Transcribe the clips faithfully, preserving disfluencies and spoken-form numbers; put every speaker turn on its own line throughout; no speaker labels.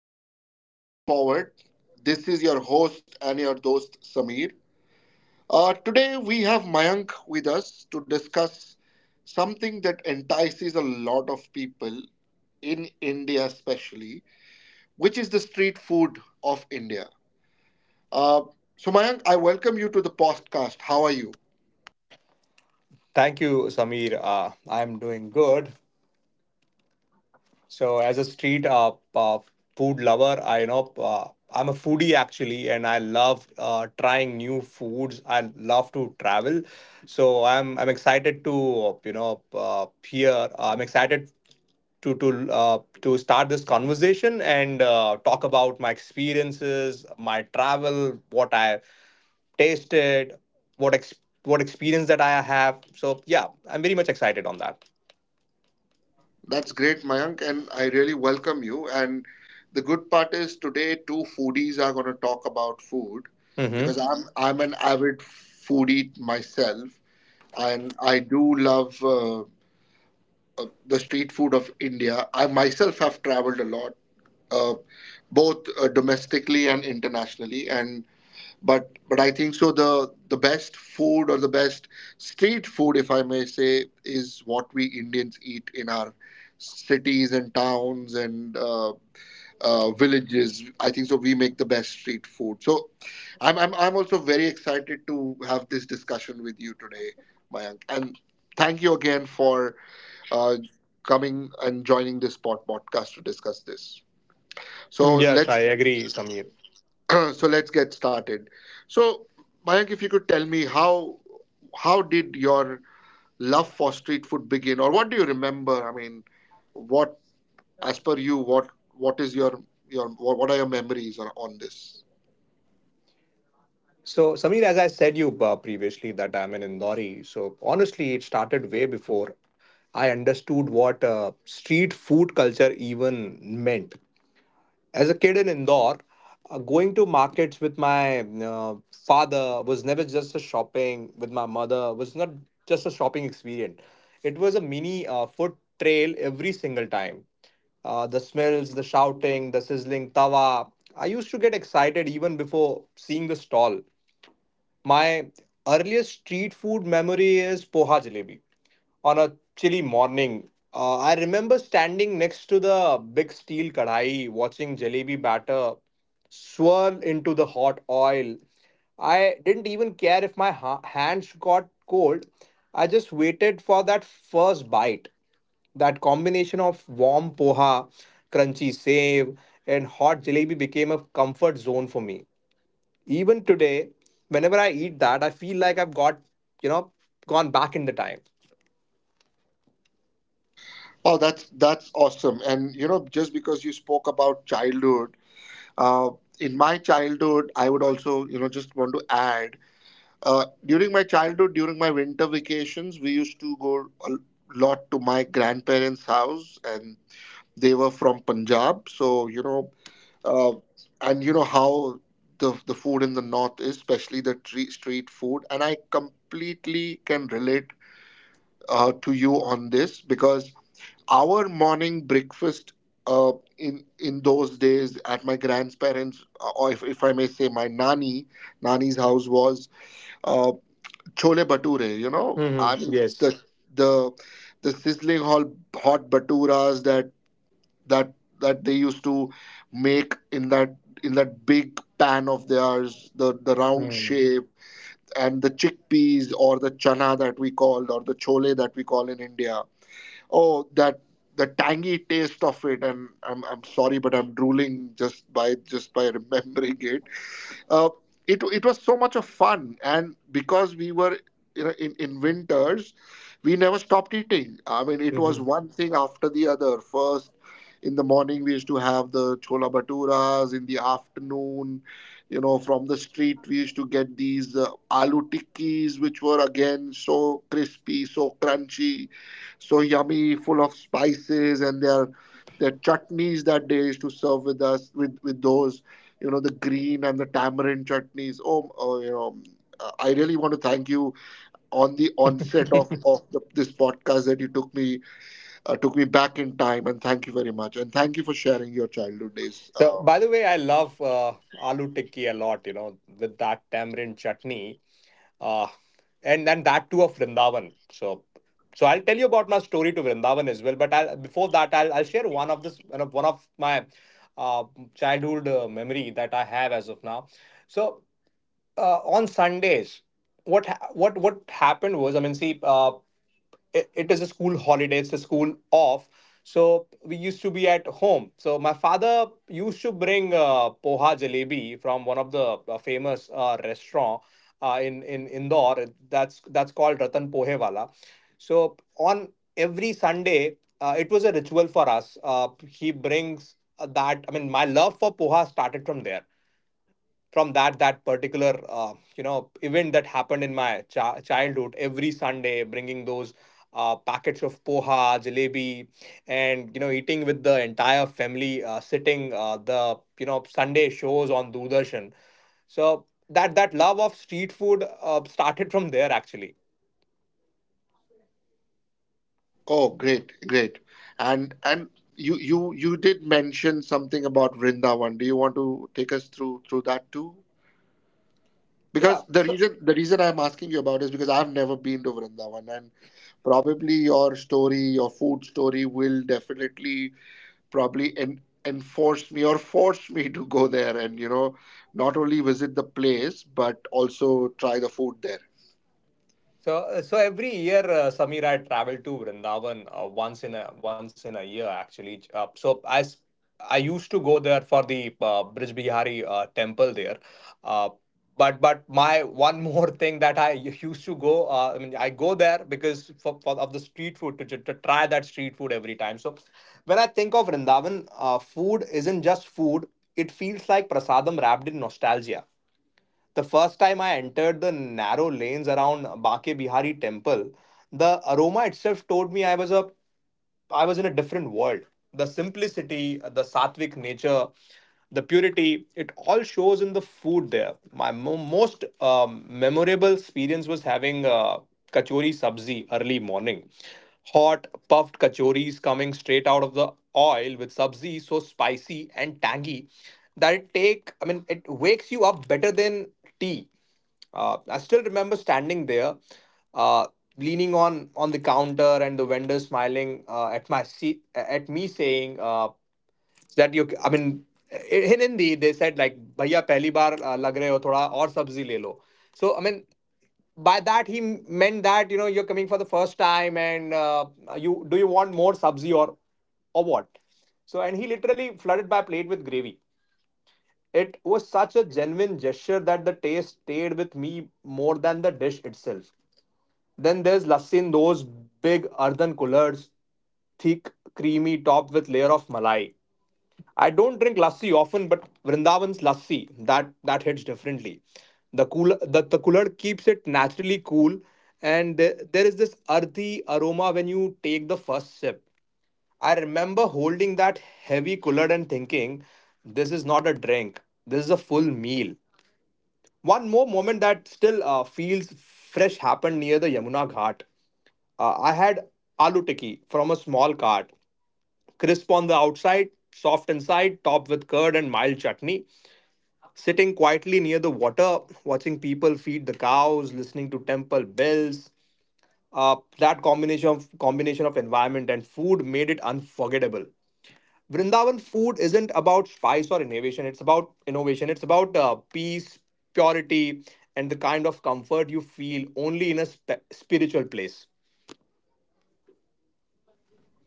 Welcome to Straightforward. This is your host and your host, Samir. Uh, today, we have Mayank with us to discuss something that entices a lot of people in India, especially, which is the street food of India. Uh, so, Mayank, I welcome you to the podcast. How are you?
Thank you, Samir. Uh, I'm doing good. So, as a street uh, uh, food lover, I you know uh, I'm a foodie actually, and I love uh, trying new foods. I love to travel, so I'm I'm excited to you know uh, hear. uh, I'm excited to to uh, to start this conversation and uh, talk about my experiences, my travel, what I tasted, what ex- what experience that I have. So, yeah, I'm very much excited on that.
That's great, Mayank, and I really welcome you. And the good part is today two foodies are going to talk about food because
Mm-hmm.
I'm I'm an avid foodie myself, and I do love uh, uh, the street food of India. I myself have traveled a lot, uh, both uh, domestically and internationally, and but but I think so the the best food or the best street food if I may say is what we Indians eat in our cities and towns and uh, uh, villages. I think so we make the best street food. So I'm, I'm I'm also very excited to have this discussion with you today, Mayank, and thank you again for uh, coming and joining this pod podcast to discuss this. So
Yes, I
let's
agree, Samir.
so let's get started. So, Mayank, if you could tell me how how did your love for street food begin, or what do you remember? I mean, what as per you, what what is your your what what are your memories on, on this?
So, Samir, as I said you uh, previously, that I'm an Indori. So, honestly, it started way before I understood what uh, street food culture even meant. As a kid in Indore, uh, going to markets with my uh, father was never just a shopping, with my mother was not just a shopping experience. It was a mini uh, food trail every single time. Uh, the smells, the shouting, the sizzling tawa. I used to get excited even before seeing the stall. My earliest street food memory is poha jalebi. On a chilly morning, uh, I remember standing next to the big steel kadai, watching jalebi batter swirl into the hot oil. I didn't even care if my ha- hands got cold. I just waited for that first bite. That combination of warm poha, crunchy save, and hot jalebi became a comfort zone for me. Even today, whenever I eat that, I feel like I've got, you know, gone back in the time.
Oh, that's that's awesome. And you know, just because you spoke about childhood, uh, in my childhood, I would also you know just want to add. Uh, during my childhood, during my winter vacations, we used to go a lot to my grandparents' house, and they were from Punjab, so you know, uh, and you know how the the food in the north is, especially the tre- street food, and I completely can relate uh, to you on this because our morning breakfast uh, in in those days at my grandparents, uh, or if, if I may say, my nani nani's house was uh, chole bature. You know, I
Hmm
mean
Yes.
the the the sizzling hot hot baturas that that that they used to make in that in that big pan of theirs, the the round
Mm-hmm.
shape, and the chickpeas or the chana that we called, or the chole that we call in India. Oh, that the tangy taste of it, and i'm i'm sorry, but I'm drooling just by just by remembering it. uh, it, it was so much of fun, and because we were you know, in, in winters we never stopped eating. I mean it was one thing after the other. First in the morning we used to have the chola baturas. In the afternoon, you know, from the street we used to get these uh, aloo tikkis, which were again so crispy, so crunchy, so yummy, full of spices, and their their chutneys that they used to serve with us with with those, you know, the green and the tamarind chutneys. Oh, oh you know, uh, I really want to thank you on the onset of of the, this podcast that you took me uh, took me back in time, and thank you very much, and thank you for sharing your childhood days.
So,
Uh,
by the way, I love uh, aloo tikki a lot, you know, with that tamarind chutney. Uh, and then that too of Vrindavan. So, so I'll tell you about my story to Vrindavan as well. But I'll, before that, I'll, I'll share one of this one of, one of my uh, childhood uh, memory that I have as of now. So uh, on Sundays, what ha- what what happened was, I mean, see, uh, it, it is a school holiday; it's a school off. So we used to be at home. So my father used to bring uh, poha jalebi from one of the uh, famous uh, restaurant uh, in in Indore. That's that's called Ratan Pohewala. So on every Sunday, uh, it was a ritual for us. Uh, he brings uh, that. I mean, my love for poha started from there, from that that particular uh, you know event that happened in my chi- childhood, every Sunday bringing those uh, packets of poha jalebi, and you know eating with the entire family, uh, sitting uh, the you know Sunday shows on Doordarshan. So that that love of street food uh, started from there actually.
oh, great, great, and and. You, you you did mention something about Vrindavan. Do you want to take us through through that too?
Yeah.
Because the
So
reason the reason I'm asking you about is because I've never been to Vrindavan, and probably your story, your food story, will definitely probably en- enforced me or forced me to go there and you know not only visit the place but also try the food there.
So, uh, so every year, uh, Samir, I travel to Vrindavan uh, once in a once in a year actually. Ch- Uh, so as I used to go there for the uh, Brij Bihari uh, temple there, uh, but but my one more thing that I u- used to go, uh, I mean, I go there because for, for of the street food to, to try that street food every time. So when I think of Vrindavan, uh, food isn't just food; it feels like prasadam wrapped in nostalgia. The first time I entered the narrow lanes around Bake Bihari temple, the aroma itself told me I was up I was in a different world. The simplicity, the sattvic nature, the purity, it all shows in the food there. My mo- most um, memorable experience was having uh, kachori sabzi early morning. Hot, puffed kachoris coming straight out of the oil with sabzi, so spicy and tangy that it take, I mean, it wakes you up better than tea. Uh, I still remember standing there, uh, leaning on on the counter, and the vendor smiling uh, at my seat at me, saying uh, that you. I mean, i- in Hindi they said like, "भैया पहली बार uh, लग रहे हो थोड़ा और सब्जी ले लो." So I mean, by that he meant that you know you're coming for the first time and uh, you do you want more sabzi or or what. So, and he literally flooded my plate with gravy. It was such a genuine gesture that the taste stayed with me more than the dish itself. Then there's lassi in those big earthen coolers, thick, creamy, topped with layer of malai. I don't drink lassi often, but Vrindavan's lassi, that that hits differently. The cool the, the cooler keeps it naturally cool, and there, there is this earthy aroma when you take the first sip. I remember holding that heavy cooler and thinking, this is not a drink, this is a full meal. One more moment that still uh, feels fresh happened near the Yamuna Ghat. Uh, I had aloo tikki from a small cart, crisp on the outside, soft inside, topped with curd and mild chutney. Sitting quietly near the water, watching people feed the cows, listening to temple bells. Uh, that combination of combination of environment and food made it unforgettable. Vrindavan food isn't about spice or innovation. It's about innovation. It's about uh, peace, purity, and the kind of comfort you feel only in a sp- spiritual place.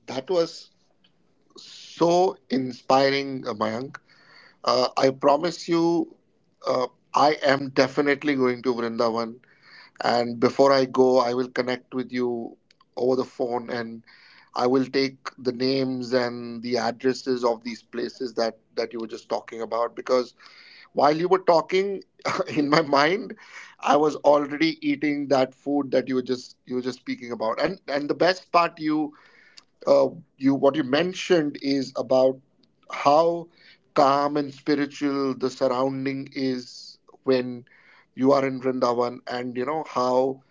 That was so inspiring, uh, Mayank. uh, I promise you, uh, I am definitely going to Vrindavan, and before I go I will connect with you over the phone, and I will take the names and the addresses of these places that that you were just talking about. Because while you were talking in my mind, I was already eating that food that you were just you were just speaking about. And and the best part, you uh, you what you mentioned is about how calm and spiritual the surrounding is when you are in Vrindavan, and you know how,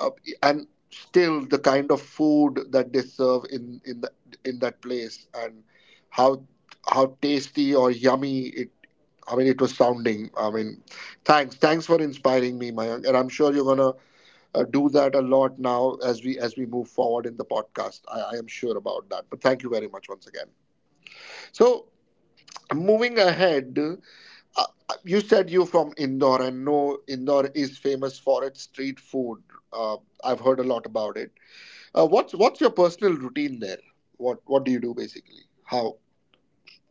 uh, and still the kind of food that they serve in in the, in that place, and how how tasty or yummy it. I mean, it was sounding. I mean, thanks, thanks for inspiring me, Mayank, and I'm sure you're gonna uh, do that a lot now as we as we move forward in the podcast. I, I am sure about that. But thank you very much once again. So moving ahead, uh, you said you're from Indore, and no, Indore is famous for its street food. Uh, I've heard a lot about it. Uh, what's what's your personal routine there? What what do you do basically? How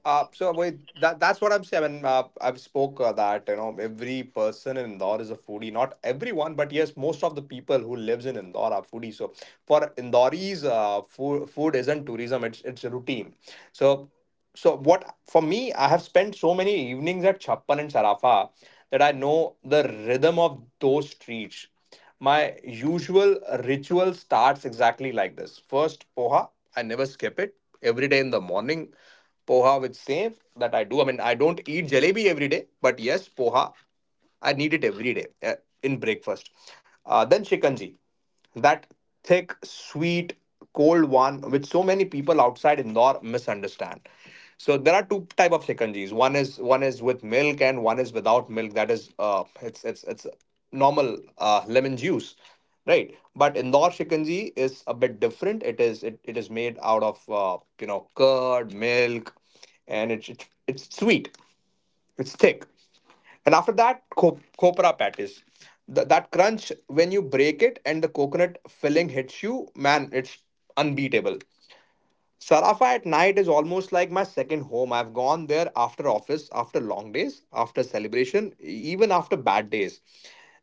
Uh, so wait, that that's what I'm saying. I mean, uh, I've spoke uh, that you know every person in Indore is a foodie. Not everyone, but yes, most of the people who lives in Indore are foodie. So for Indoris, uh, food food isn't tourism; it's it's a routine. So so what for me, I have spent so many evenings at Chappan and Sarafa that I know the rhythm of those streets. My usual ritual starts exactly like this. First, poha. I never skip it. Every day in the morning, poha with save that I do. I mean, I don't eat jalebi every day, but yes, poha. I need it every day uh, in breakfast. Uh, then shikanji, that thick, sweet, cold one which so many people outside Indore misunderstand. So there are two type of shikanjis. One is one is with milk and one is without milk. That is uh it's it's it's normal uh, lemon juice, right? But Indore shikanji is a bit different. It is it, it is made out of uh, you know curd, milk, and it's it's, it's sweet. It's thick. And after that, co- copra patties. Th- that crunch when you break it and the coconut filling hits you, man, it's unbeatable. Sarafa at night is almost like my second home. I've gone there after office, after long days, after celebration, e- even after bad days.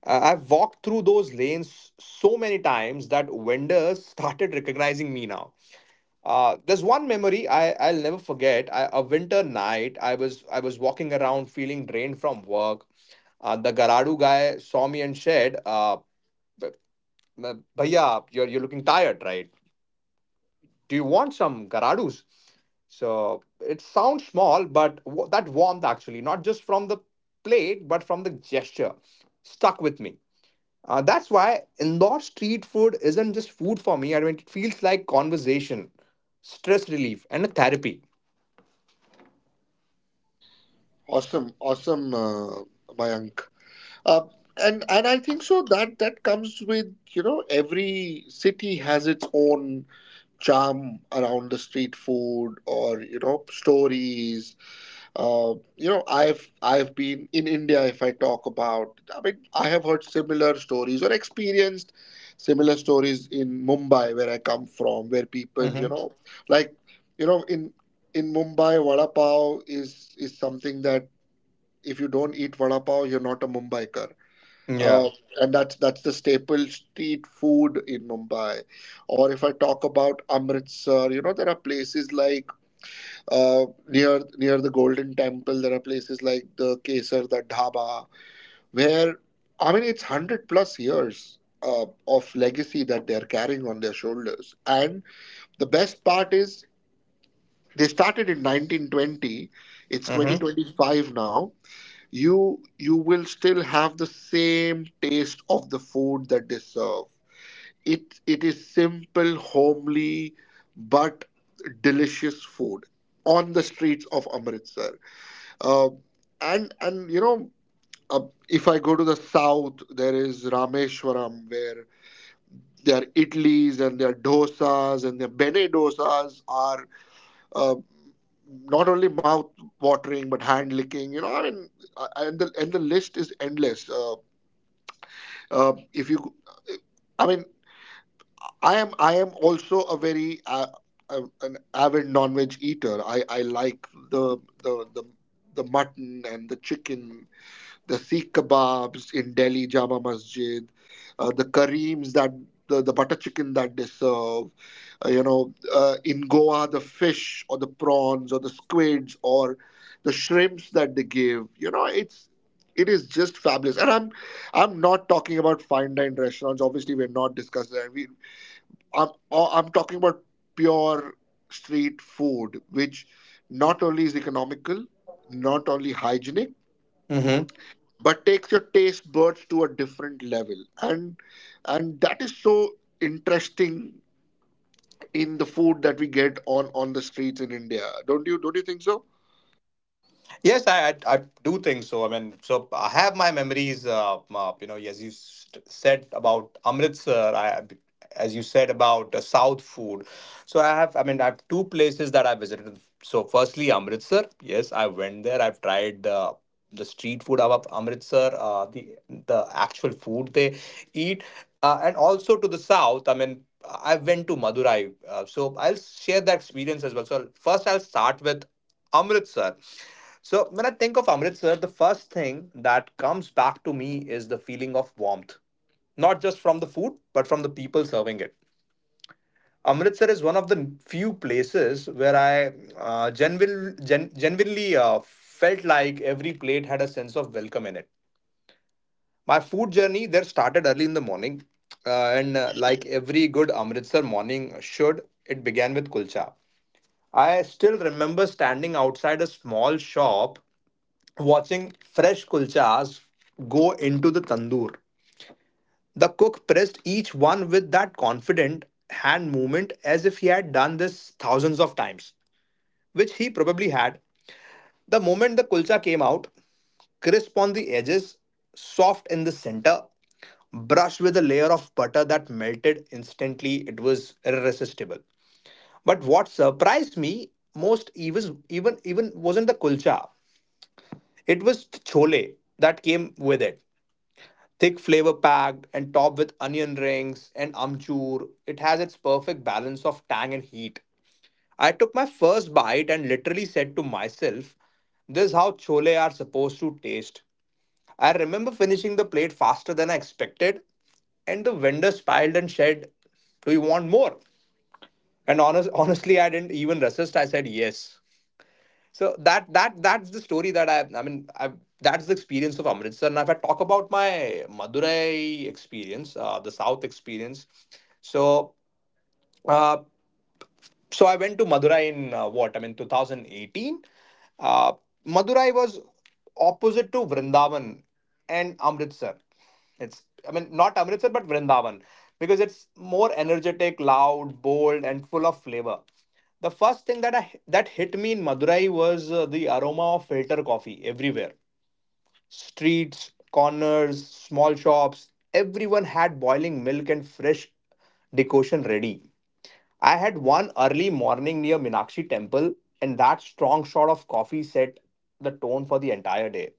Uh, I've walked through those lanes so many times that vendors started recognizing me now. Uh, there's one memory I I'll never forget. I, a winter night, I was I was walking around feeling drained from work. Uh, the Garadu guy saw me and said, uh, "Bh- "Bhaiya, you're you're looking tired, right? Do you want some Garadus?" So it sounds small, but w- that warmth actually, not just from the plate, but from the gesture, stuck with me. Uh, that's why indoor street food isn't just food for me. I mean, it feels like conversation, stress relief, and a therapy.
awesome, awesome, uh, Mayank. Uh, and and I think so that that comes with you know every city has its own charm around the street food or you know stories. Uh, you know, I've I've been in India. If I talk about, I mean, I have heard similar stories or experienced similar stories in Mumbai, where I come from, where people, you know, like, you know, in in Mumbai, vada pav is is something that if you don't eat vada pav, you're not a Mumbaikar.
Yeah.
Uh, and that's that's the staple street food in Mumbai. Or if I talk about Amritsar, you know, there are places like uh, near near the Golden Temple, there are places like the Kesar, the Dhaba, where I mean it's hundred plus years uh, of legacy that they are carrying on their shoulders. And the best part is they started in nineteen twenty. It's
Mm-hmm.
twenty twenty-five now. You you will still have the same taste of the food that they serve. It it is simple, homely, but delicious food on the streets of Amritsar. uh, and and you know uh, if I go to the south, there is Rameshwaram where their idlis and their dosas and their bene dosas are uh, not only mouth watering but hand licking, you know, I mean, uh, and the and the list is endless. uh, uh, if you, I mean, i am i am also a very uh, uh, an avid non-veg eater. I i like the the the the mutton and the chicken, the Sikh kebabs in Delhi Jama Masjid, uh, the Kareems that the, the butter chicken that they serve, uh, you know, uh, in Goa the fish or the prawns or the squids or the shrimps that they give. You know, it's it is just fabulous. And I'm I'm not talking about fine dine restaurants. Obviously, we're not discussing that. We I'm uh, I'm talking about pure street food, which not only is economical, not only hygienic,
Mm-hmm.
but takes your taste buds to a different level, and and that is so interesting in the food that we get on on the streets in India. Don't you don't you think so?
Yes, I, I I do think so. I mean, so I have my memories. Uh, uh, you know, as you st- said about Amritsar, I as you said about uh, South food. So I have. I mean, I have two places that I visited. So firstly, Amritsar. Yes, I went there. I've tried the the street food of Amritsar, uh, the the actual food they eat, uh, and also to the south. I mean, I went to Madurai, uh, so I'll share that experience as well. So first, I'll start with Amritsar. So when I think of Amritsar, the first thing that comes back to me is the feeling of warmth, not just from the food, but from the people serving it. Amritsar is one of the few places where I uh, genuine, gen, genuinely uh, felt like every plate had a sense of welcome in it. My food journey there started early in the morning, uh, and uh, like every good Amritsar morning should, it began with kulcha. I still remember standing outside a small shop watching fresh kulchas go into the tandoor. The cook pressed each one with that confident hand movement as if he had done this thousands of times, which he probably had. The moment the kulcha came out, crisp on the edges, soft in the center, brushed with a layer of butter that melted instantly, it was irresistible. But what surprised me most even even even wasn't the kulcha. It was chole that came with it. Thick, flavor packed, and topped with onion rings and amchur, it has its perfect balance of tang and heat. I took my first bite and literally said to myself, this is how chole are supposed to taste. I remember finishing the plate faster than I expected, and the vendor smiled and said, "Do you want more?" And honest, honestly, I didn't even resist. I said yes. So that that that's the story that I I mean I that's the experience of Amritsar. And if I talk about my Madurai experience, uh, the South experience, so. Uh, so I went to Madurai in uh, what I mean twenty eighteen. uh, Madurai was opposite to Vrindavan and Amritsar. It's, I mean, not Amritsar but Vrindavan, because it's more energetic, loud, bold, and full of flavor. The first thing that I, that hit me in Madurai was uh, the aroma of filter coffee everywhere. Streets, corners, small shops, everyone had boiling milk and fresh decoction ready. I had one early morning near Minakshi temple, and that strong shot of coffee set the tone for the entire day.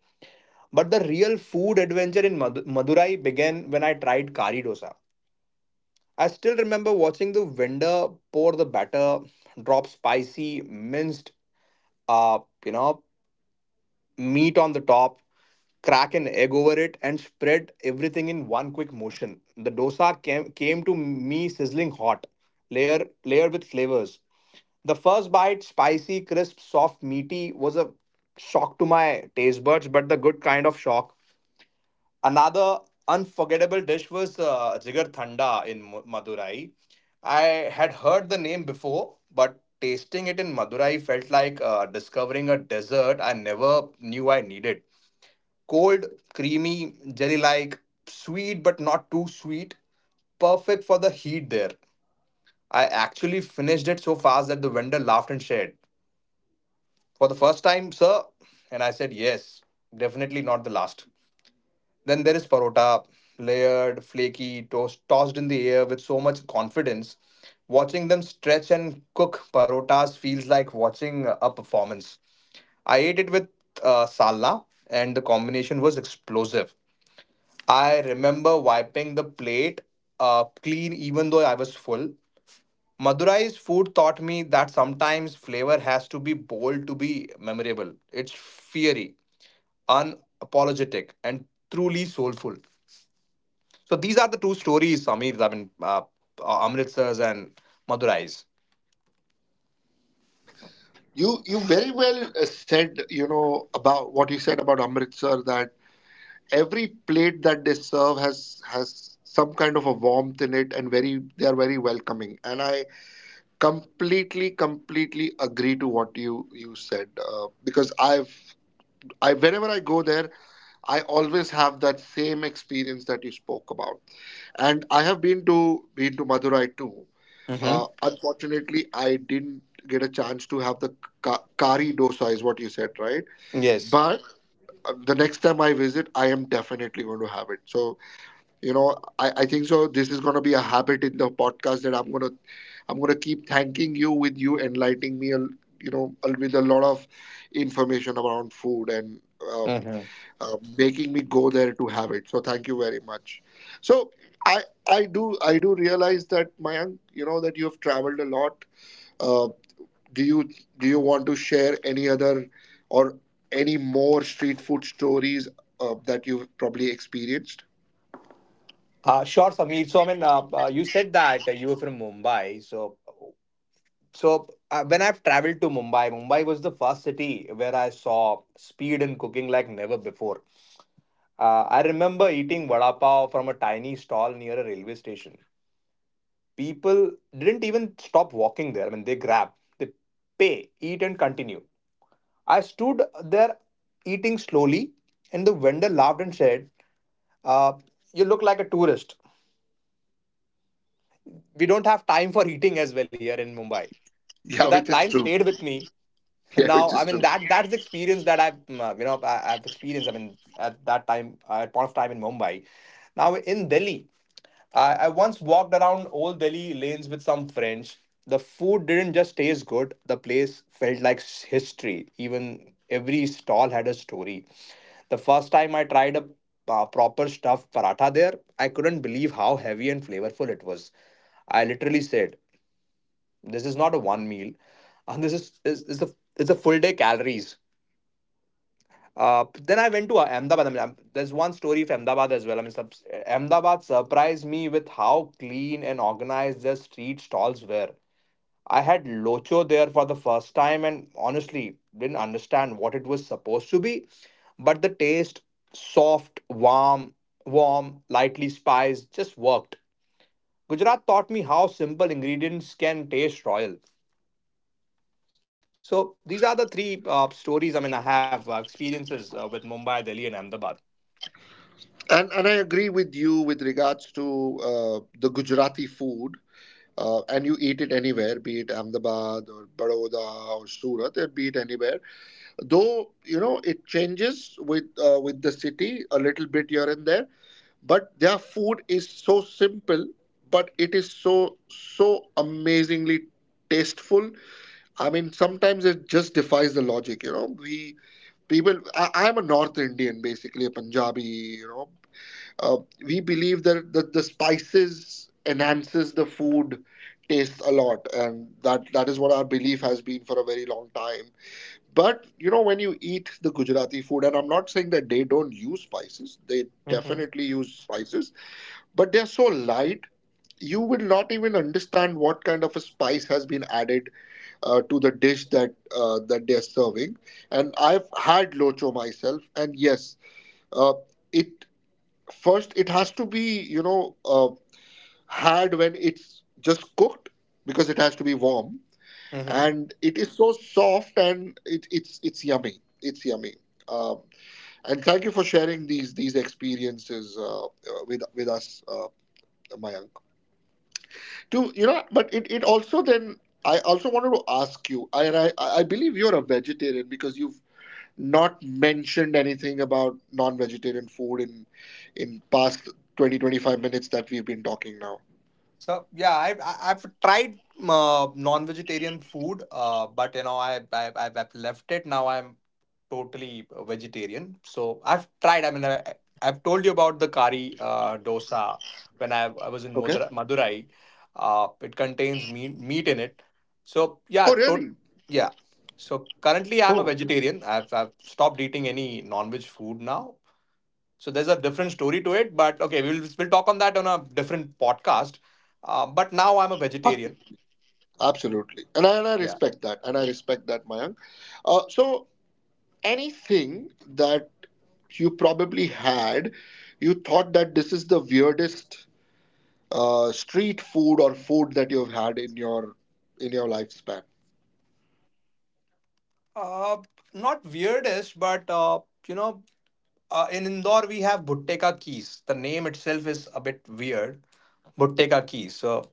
But the real food adventure in Madu- Madurai began when I tried kari dosa. I still remember watching the vendor pour the batter, drop spicy minced, uh, you know, meat on the top, crack an egg over it, and spread everything in one quick motion. The dosa came came to me sizzling hot, layer layered with flavors. The first bite, spicy, crisp, soft, meaty, was a shock to my taste buds, but the good kind of shock. Another unforgettable dish was uh, jigar thanda in Mu- Madurai. I had heard the name before, but tasting it in Madurai felt like uh, discovering a dessert I never knew I needed. Cold, creamy, jelly like, sweet but not too sweet, perfect for the heat there. I actually finished it so fast that the vendor laughed and shared, "For the first time, sir?" And I said, "Yes, definitely not the last." Then there is parota, layered, flaky, toast, tossed in the air with so much confidence. Watching them stretch and cook parotas feels like watching a performance. I ate it with uh, salna, and the combination was explosive. I remember wiping the plate uh, clean, even though I was full. Madurai's food taught me that sometimes flavor has to be bold to be memorable. It's fiery, unapologetic, and truly soulful. So these are the two stories, Samir. I mean, uh, uh, Amritsar's and Madurai's.
you you very well uh, said, you know, about what you said about Amritsar, that every plate that they serve has has some kind of a warmth in it, and very they are very welcoming, and I completely completely agree to what you you said, uh, because I've I whenever I go there I always have that same experience that you spoke about. And I have been to been to Madurai too.
Mm-hmm.
Uh, unfortunately, I didn't get a chance to have the ka- kari dosa, is what you said, right?
Yes.
But uh, the next time I visit, I am definitely going to have it. So you know, I, I think so. This is going to be a habit in the podcast that I'm gonna I'm gonna keep thanking you with you enlightening me, a l- you know, a- with a lot of information around food and. uh,
Mm-hmm.
uh, making me go there to have it. So thank you very much. So I I do I do realize that, Mayank, you know, that you have traveled a lot. Uh, do you do you want to share any other or any more street food stories uh, that you've probably experienced?
Uh, sure, Samir. So I mean, uh, uh, you said that uh, you were from Mumbai. So, so uh, when I've traveled to Mumbai, Mumbai was the first city where I saw speed in cooking like never before. Uh, I remember eating vada pav from a tiny stall near a railway station. People didn't even stop walking there. I mean, they grab, they pay, eat, and continue. I stood there eating slowly, and the vendor laughed and said, uh, "You look like a tourist. We don't have time for eating as well here in Mumbai." So
Yeah,
that
which
line
is true.
stayed with me
Yeah,
now.
which
I
is
mean,
true.
that that's the experience that I've mm, uh, you know I, I've experienced. I mean at that time, uh, at point of time in Mumbai, now in Delhi. I, I once walked around old Delhi lanes with some friends. The food didn't just taste good, the place felt like s- history. Even every stall had a story. The first time I tried a uh, proper stuffed paratha there, I couldn't believe how heavy and flavorful it was. I literally said, this is not a one meal, and this is is, is a it's a full day calories. Uh, then I went to uh, Ahmedabad. I mean, um, there's one story of Ahmedabad as well. I mean, sub- Ahmedabad surprised me with how clean and organized their street stalls were. I had locho there for the first time, and honestly, didn't understand what it was supposed to be. But the taste, soft, warm, warm, lightly spiced, just worked. Gujarat taught me how simple ingredients can taste royal. So these are the three uh, stories. I mean, I have uh, experiences uh, with Mumbai, Delhi, and Ahmedabad.
And and I agree with you with regards to uh, the Gujarati food. Uh, and you eat it anywhere, be it Ahmedabad or Baroda or Surat, or be it anywhere, though you know it changes with uh, with the city a little bit here and there, but their food is so simple, but it is so so amazingly tasteful. I mean, sometimes it just defies the logic. You know, we people, i I am a North Indian, basically a Punjabi, you know. uh, we believe that, that the spices enhances the food taste a lot, and that that is what our belief has been for a very long time. But you know, when you eat the Gujarati food, and I'm not saying that they don't use spices, they
Mm-hmm.
definitely use spices, but they're so light, you will not even understand what kind of a spice has been added uh, to the dish that uh, that they're serving. And I've had locho myself, and yes, uh, it, first it has to be, you know, uh, had when it's just cooked, because it has to be warm. And it is so soft, and it, it's it's yummy, it's yummy. um, and thank you for sharing these these experiences uh, uh, with with us, uh, Mayank. To, you know, but it, it also then, I also wanted to ask you, I, I i believe you're a vegetarian because you've not mentioned anything about non-vegetarian food in in past twenty twenty five minutes that we've been talking now.
So yeah, I've I- I've tried uh, non-vegetarian food, uh, but you know I, I I've I've left it. Now I'm totally vegetarian. So I've tried. I mean, I, I- I've told you about the kari uh, dosa when I, I was in
Okay.
Madura- Madurai. Uh, it contains meat meat in it. So
Oh,
yeah, tot
really?
yeah. So currently I'm a
Oh.
vegetarian. I've I've stopped eating any non-veg food now. So there's a different story to it, but okay, we'll we'll talk on that on a different podcast. Uh, but now I'm a vegetarian.
Absolutely. And I, and I
Yeah.
respect that. And I respect that, Mayank. Uh, so, anything that you probably had, you thought that this is the weirdest uh, street food or food that you've had in your in your lifespan.
Uh, not weirdest, but uh, you know, uh, in Indore we have Bhutte Ka Kees. The name itself is a bit weird. Bhutte Ka Kees. So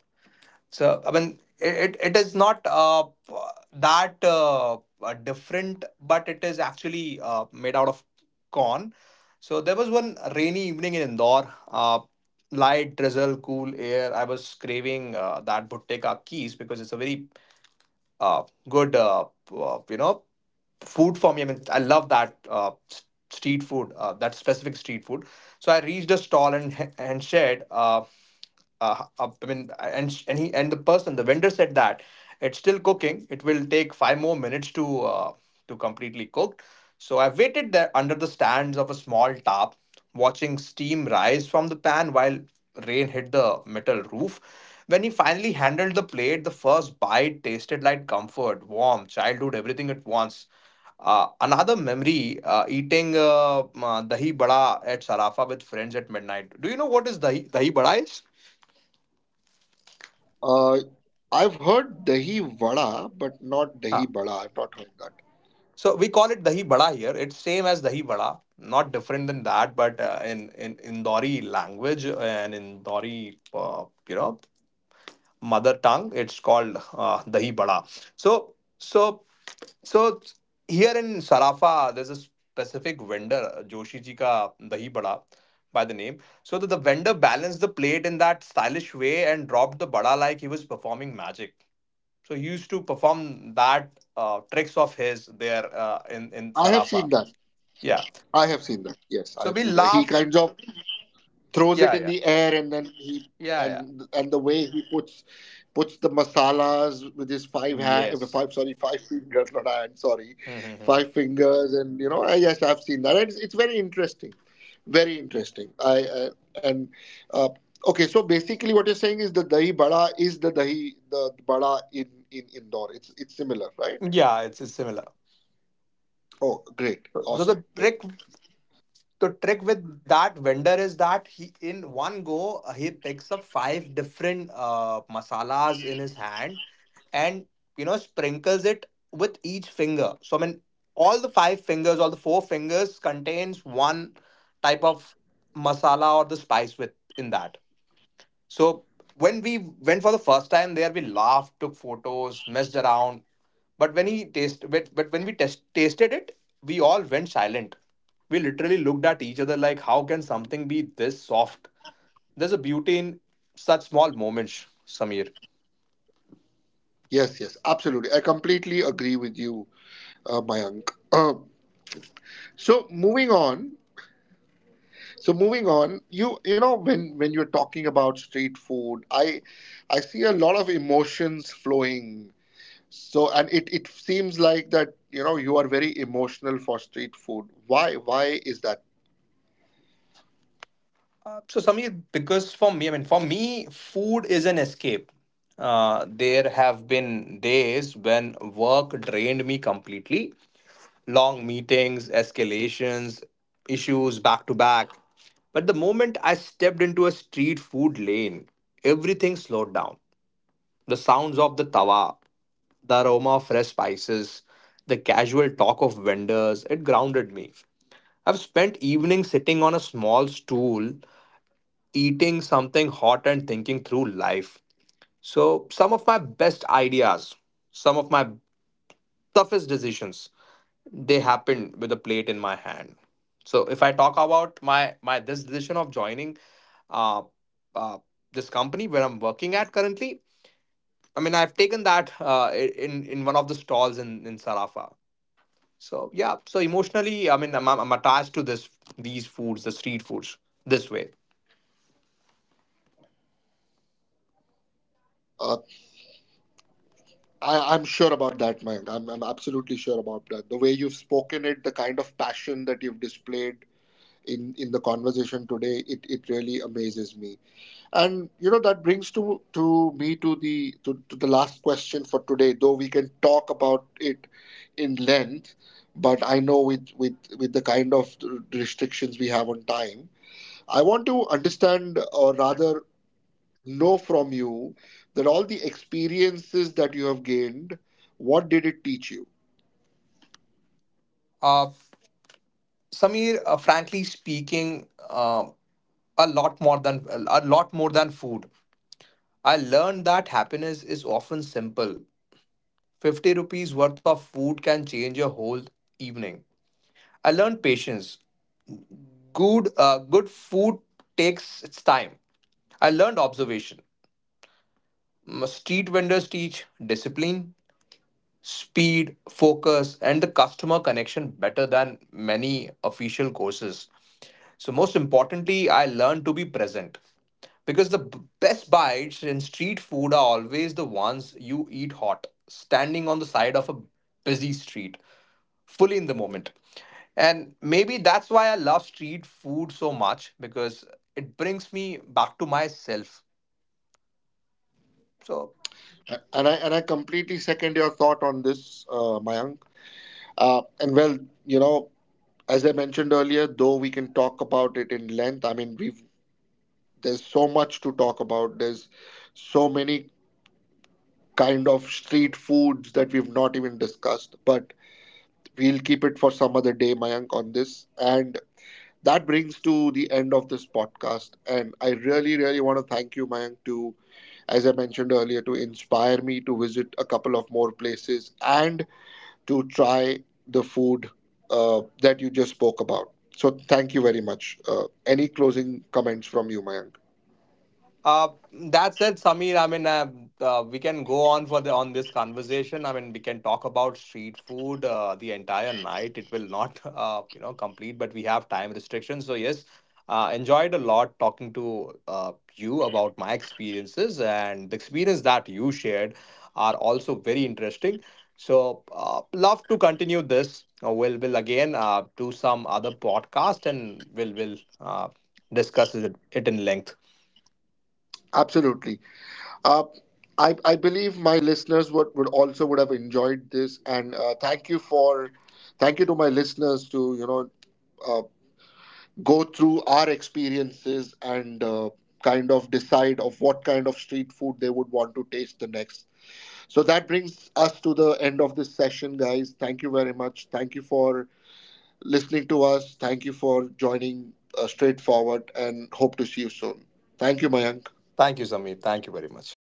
So, I mean, it, it is not uh, that uh, uh, different, but it is actually uh, made out of corn. So, there was one rainy evening in Indore, uh, light, drizzle, cool air. I was craving uh, that bhutte ka keys because it's a very uh, good uh, uh, you know food for me. I mean, I love that uh, s- street food, uh, that specific street food. So I reached a stall and and shared. Uh, uh, uh, I mean, and sh- and he and the person, the vendor said that it's still cooking. It will take five more minutes to uh, to completely cook. So I waited there under the stands of a small tap, watching steam rise from the pan while rain hit the metal roof. When he finally handled the plate, the first bite tasted like comfort, warmth, childhood, everything at once. Uh, another memory uh, eating uh, uh, dahi bada at Sarafa with friends at midnight. Do you know what is dahi, dahi bada is?
Uh, I've heard dahi vada, but not dahi
Ah.
bada. I've not heard that.
So we call it dahi bada here. It's same as dahi bada, not different than that, but uh, in in Indori language and in Dori, uh, you know, mother tongue. It's called uh, dahi bada. So so so here in Sarafa, there's a specific vendor, Joshi ji ka dahi bada by the name. So that the vendor balanced the plate in that stylish way and dropped the bada like he was performing magic. So he used to perform that uh, tricks of his there uh, in in
I have seen
Sarafa.
that.
Yeah.
I have seen that. Yes, I
So
have
we
seen that. He
laughed.
kinds of throws it
Yeah,
in
yeah,
the air, and then he,
yeah, yeah.
and and the way he puts puts the masalas with his five hand,
Yes.
five, sorry, five fingers, not hand, sorry,
Hmm.
five fingers. And you know, I, yes, I've seen that. And it's, it's very interesting, very interesting. I uh, and uh, okay, so basically what you're saying is the dahi bada is the dahi, the bada, in in Indore, it's it's similar, right?
Yeah, it's, it's similar.
Oh, great.
So so
Awesome.
the
Great.
trick the trick with that vendor is that he in one go uh, he picks up five different uh, masalas in his hand, and you know sprinkles it with each finger. So I mean, all the five fingers all the four fingers contains one type of masala or the spice with in that. So when we went for the first time there, we laughed, took photos, messed around. But when he taste, but, but when we test, tasted it, we all went silent. We literally looked at each other like, how can something be this soft? There's a beauty in such small moments, Samir.
Yes, yes, absolutely, I completely agree with you, uh, Mayank. So moving on. So moving on, you you know, when when you're talking about street food, I I see a lot of emotions flowing. So and it it seems like that, you know, you are very emotional for street food. Why why is that?
So Samir, because for me, I mean, for me, food is an escape. Uh, there have been days when work drained me completely, long meetings, escalations, issues back to back. But the moment I stepped into a street food lane, everything slowed down. The sounds of the tawa, the aroma of fresh spices, the casual talk of vendors, it grounded me. I've spent evenings sitting on a small stool, eating something hot and thinking through life. So, some of my best ideas, some of my toughest decisions, they happened with a plate in my hand. So if I talk about my my this decision of joining uh, uh, this company where I'm working at currently, I mean I've taken that uh, in in one of the stalls in in Sarafa. So yeah, so emotionally I mean i'm, I'm attached to this these foods the street foods this way.
Uh, I I'm sure about that, man. I'm I'm absolutely sure about that. The way you've spoken it, the kind of passion that you've displayed in in the conversation today, it it really amazes me. And you know, that brings to to me, to the to, to the last question for today, though we can talk about it in length. But I know, with with with the kind of restrictions we have on time, I want to understand, or rather know from you, that all the experiences that you have gained, what did it teach you?
Uh, Samir, uh, frankly speaking, uh, a lot more than a lot more than food. I learned that happiness is often simple. fifty rupees worth of food can change your whole evening. I learned patience. Good, uh, good food takes its time. I learned observation. Mm, street vendors teach discipline, speed, focus, and the customer connection better than many official courses. So, most importantly, I learned to be present, because the b- best bites in street food are always the ones you eat hot, standing on the side of a busy street, fully in the moment. And maybe that's why I love street food so much, because it brings me back to myself. So
And i and i completely second your thought on this, uh, Mayank. Uh, and well, you know, as I mentioned earlier, though we can talk about it in length, I mean, we've, there's so much to talk about. There's so many kind of street foods that we've not even discussed, but we'll keep it for some other day, Mayank, on this. And that brings to the end of this podcast. And I really, really want to thank you, Mayank, to, as I mentioned earlier, to inspire me to visit a couple of more places and to try the food uh, that you just spoke about. So thank you very much. Uh, any closing comments from you, Mayank?
Uh, that said, Samir, I mean, uh, uh, we can go on for the on this conversation. I mean, we can talk about street food uh, the entire night. It will not, uh, you know, complete, but we have time restrictions. So yes, uh, enjoyed a lot talking to uh, you about my experiences, and the experience that you shared are also very interesting. So uh, love to continue this. Uh, we'll will again uh, do some other podcast, and we'll will uh, discuss it, it in length.
Absolutely. Uh, I, I believe my listeners would, would also would have enjoyed this. And uh, thank you for, thank you to my listeners, to, you know, uh, go through our experiences and uh, kind of decide of what kind of street food they would want to taste the next. So that brings us to the end of this session, guys. Thank you very much. Thank you for listening to us. Thank you for joining uh, Straightforward, and hope to see you soon. Thank you, Mayank.
Thank you, Samir. Thank you very much.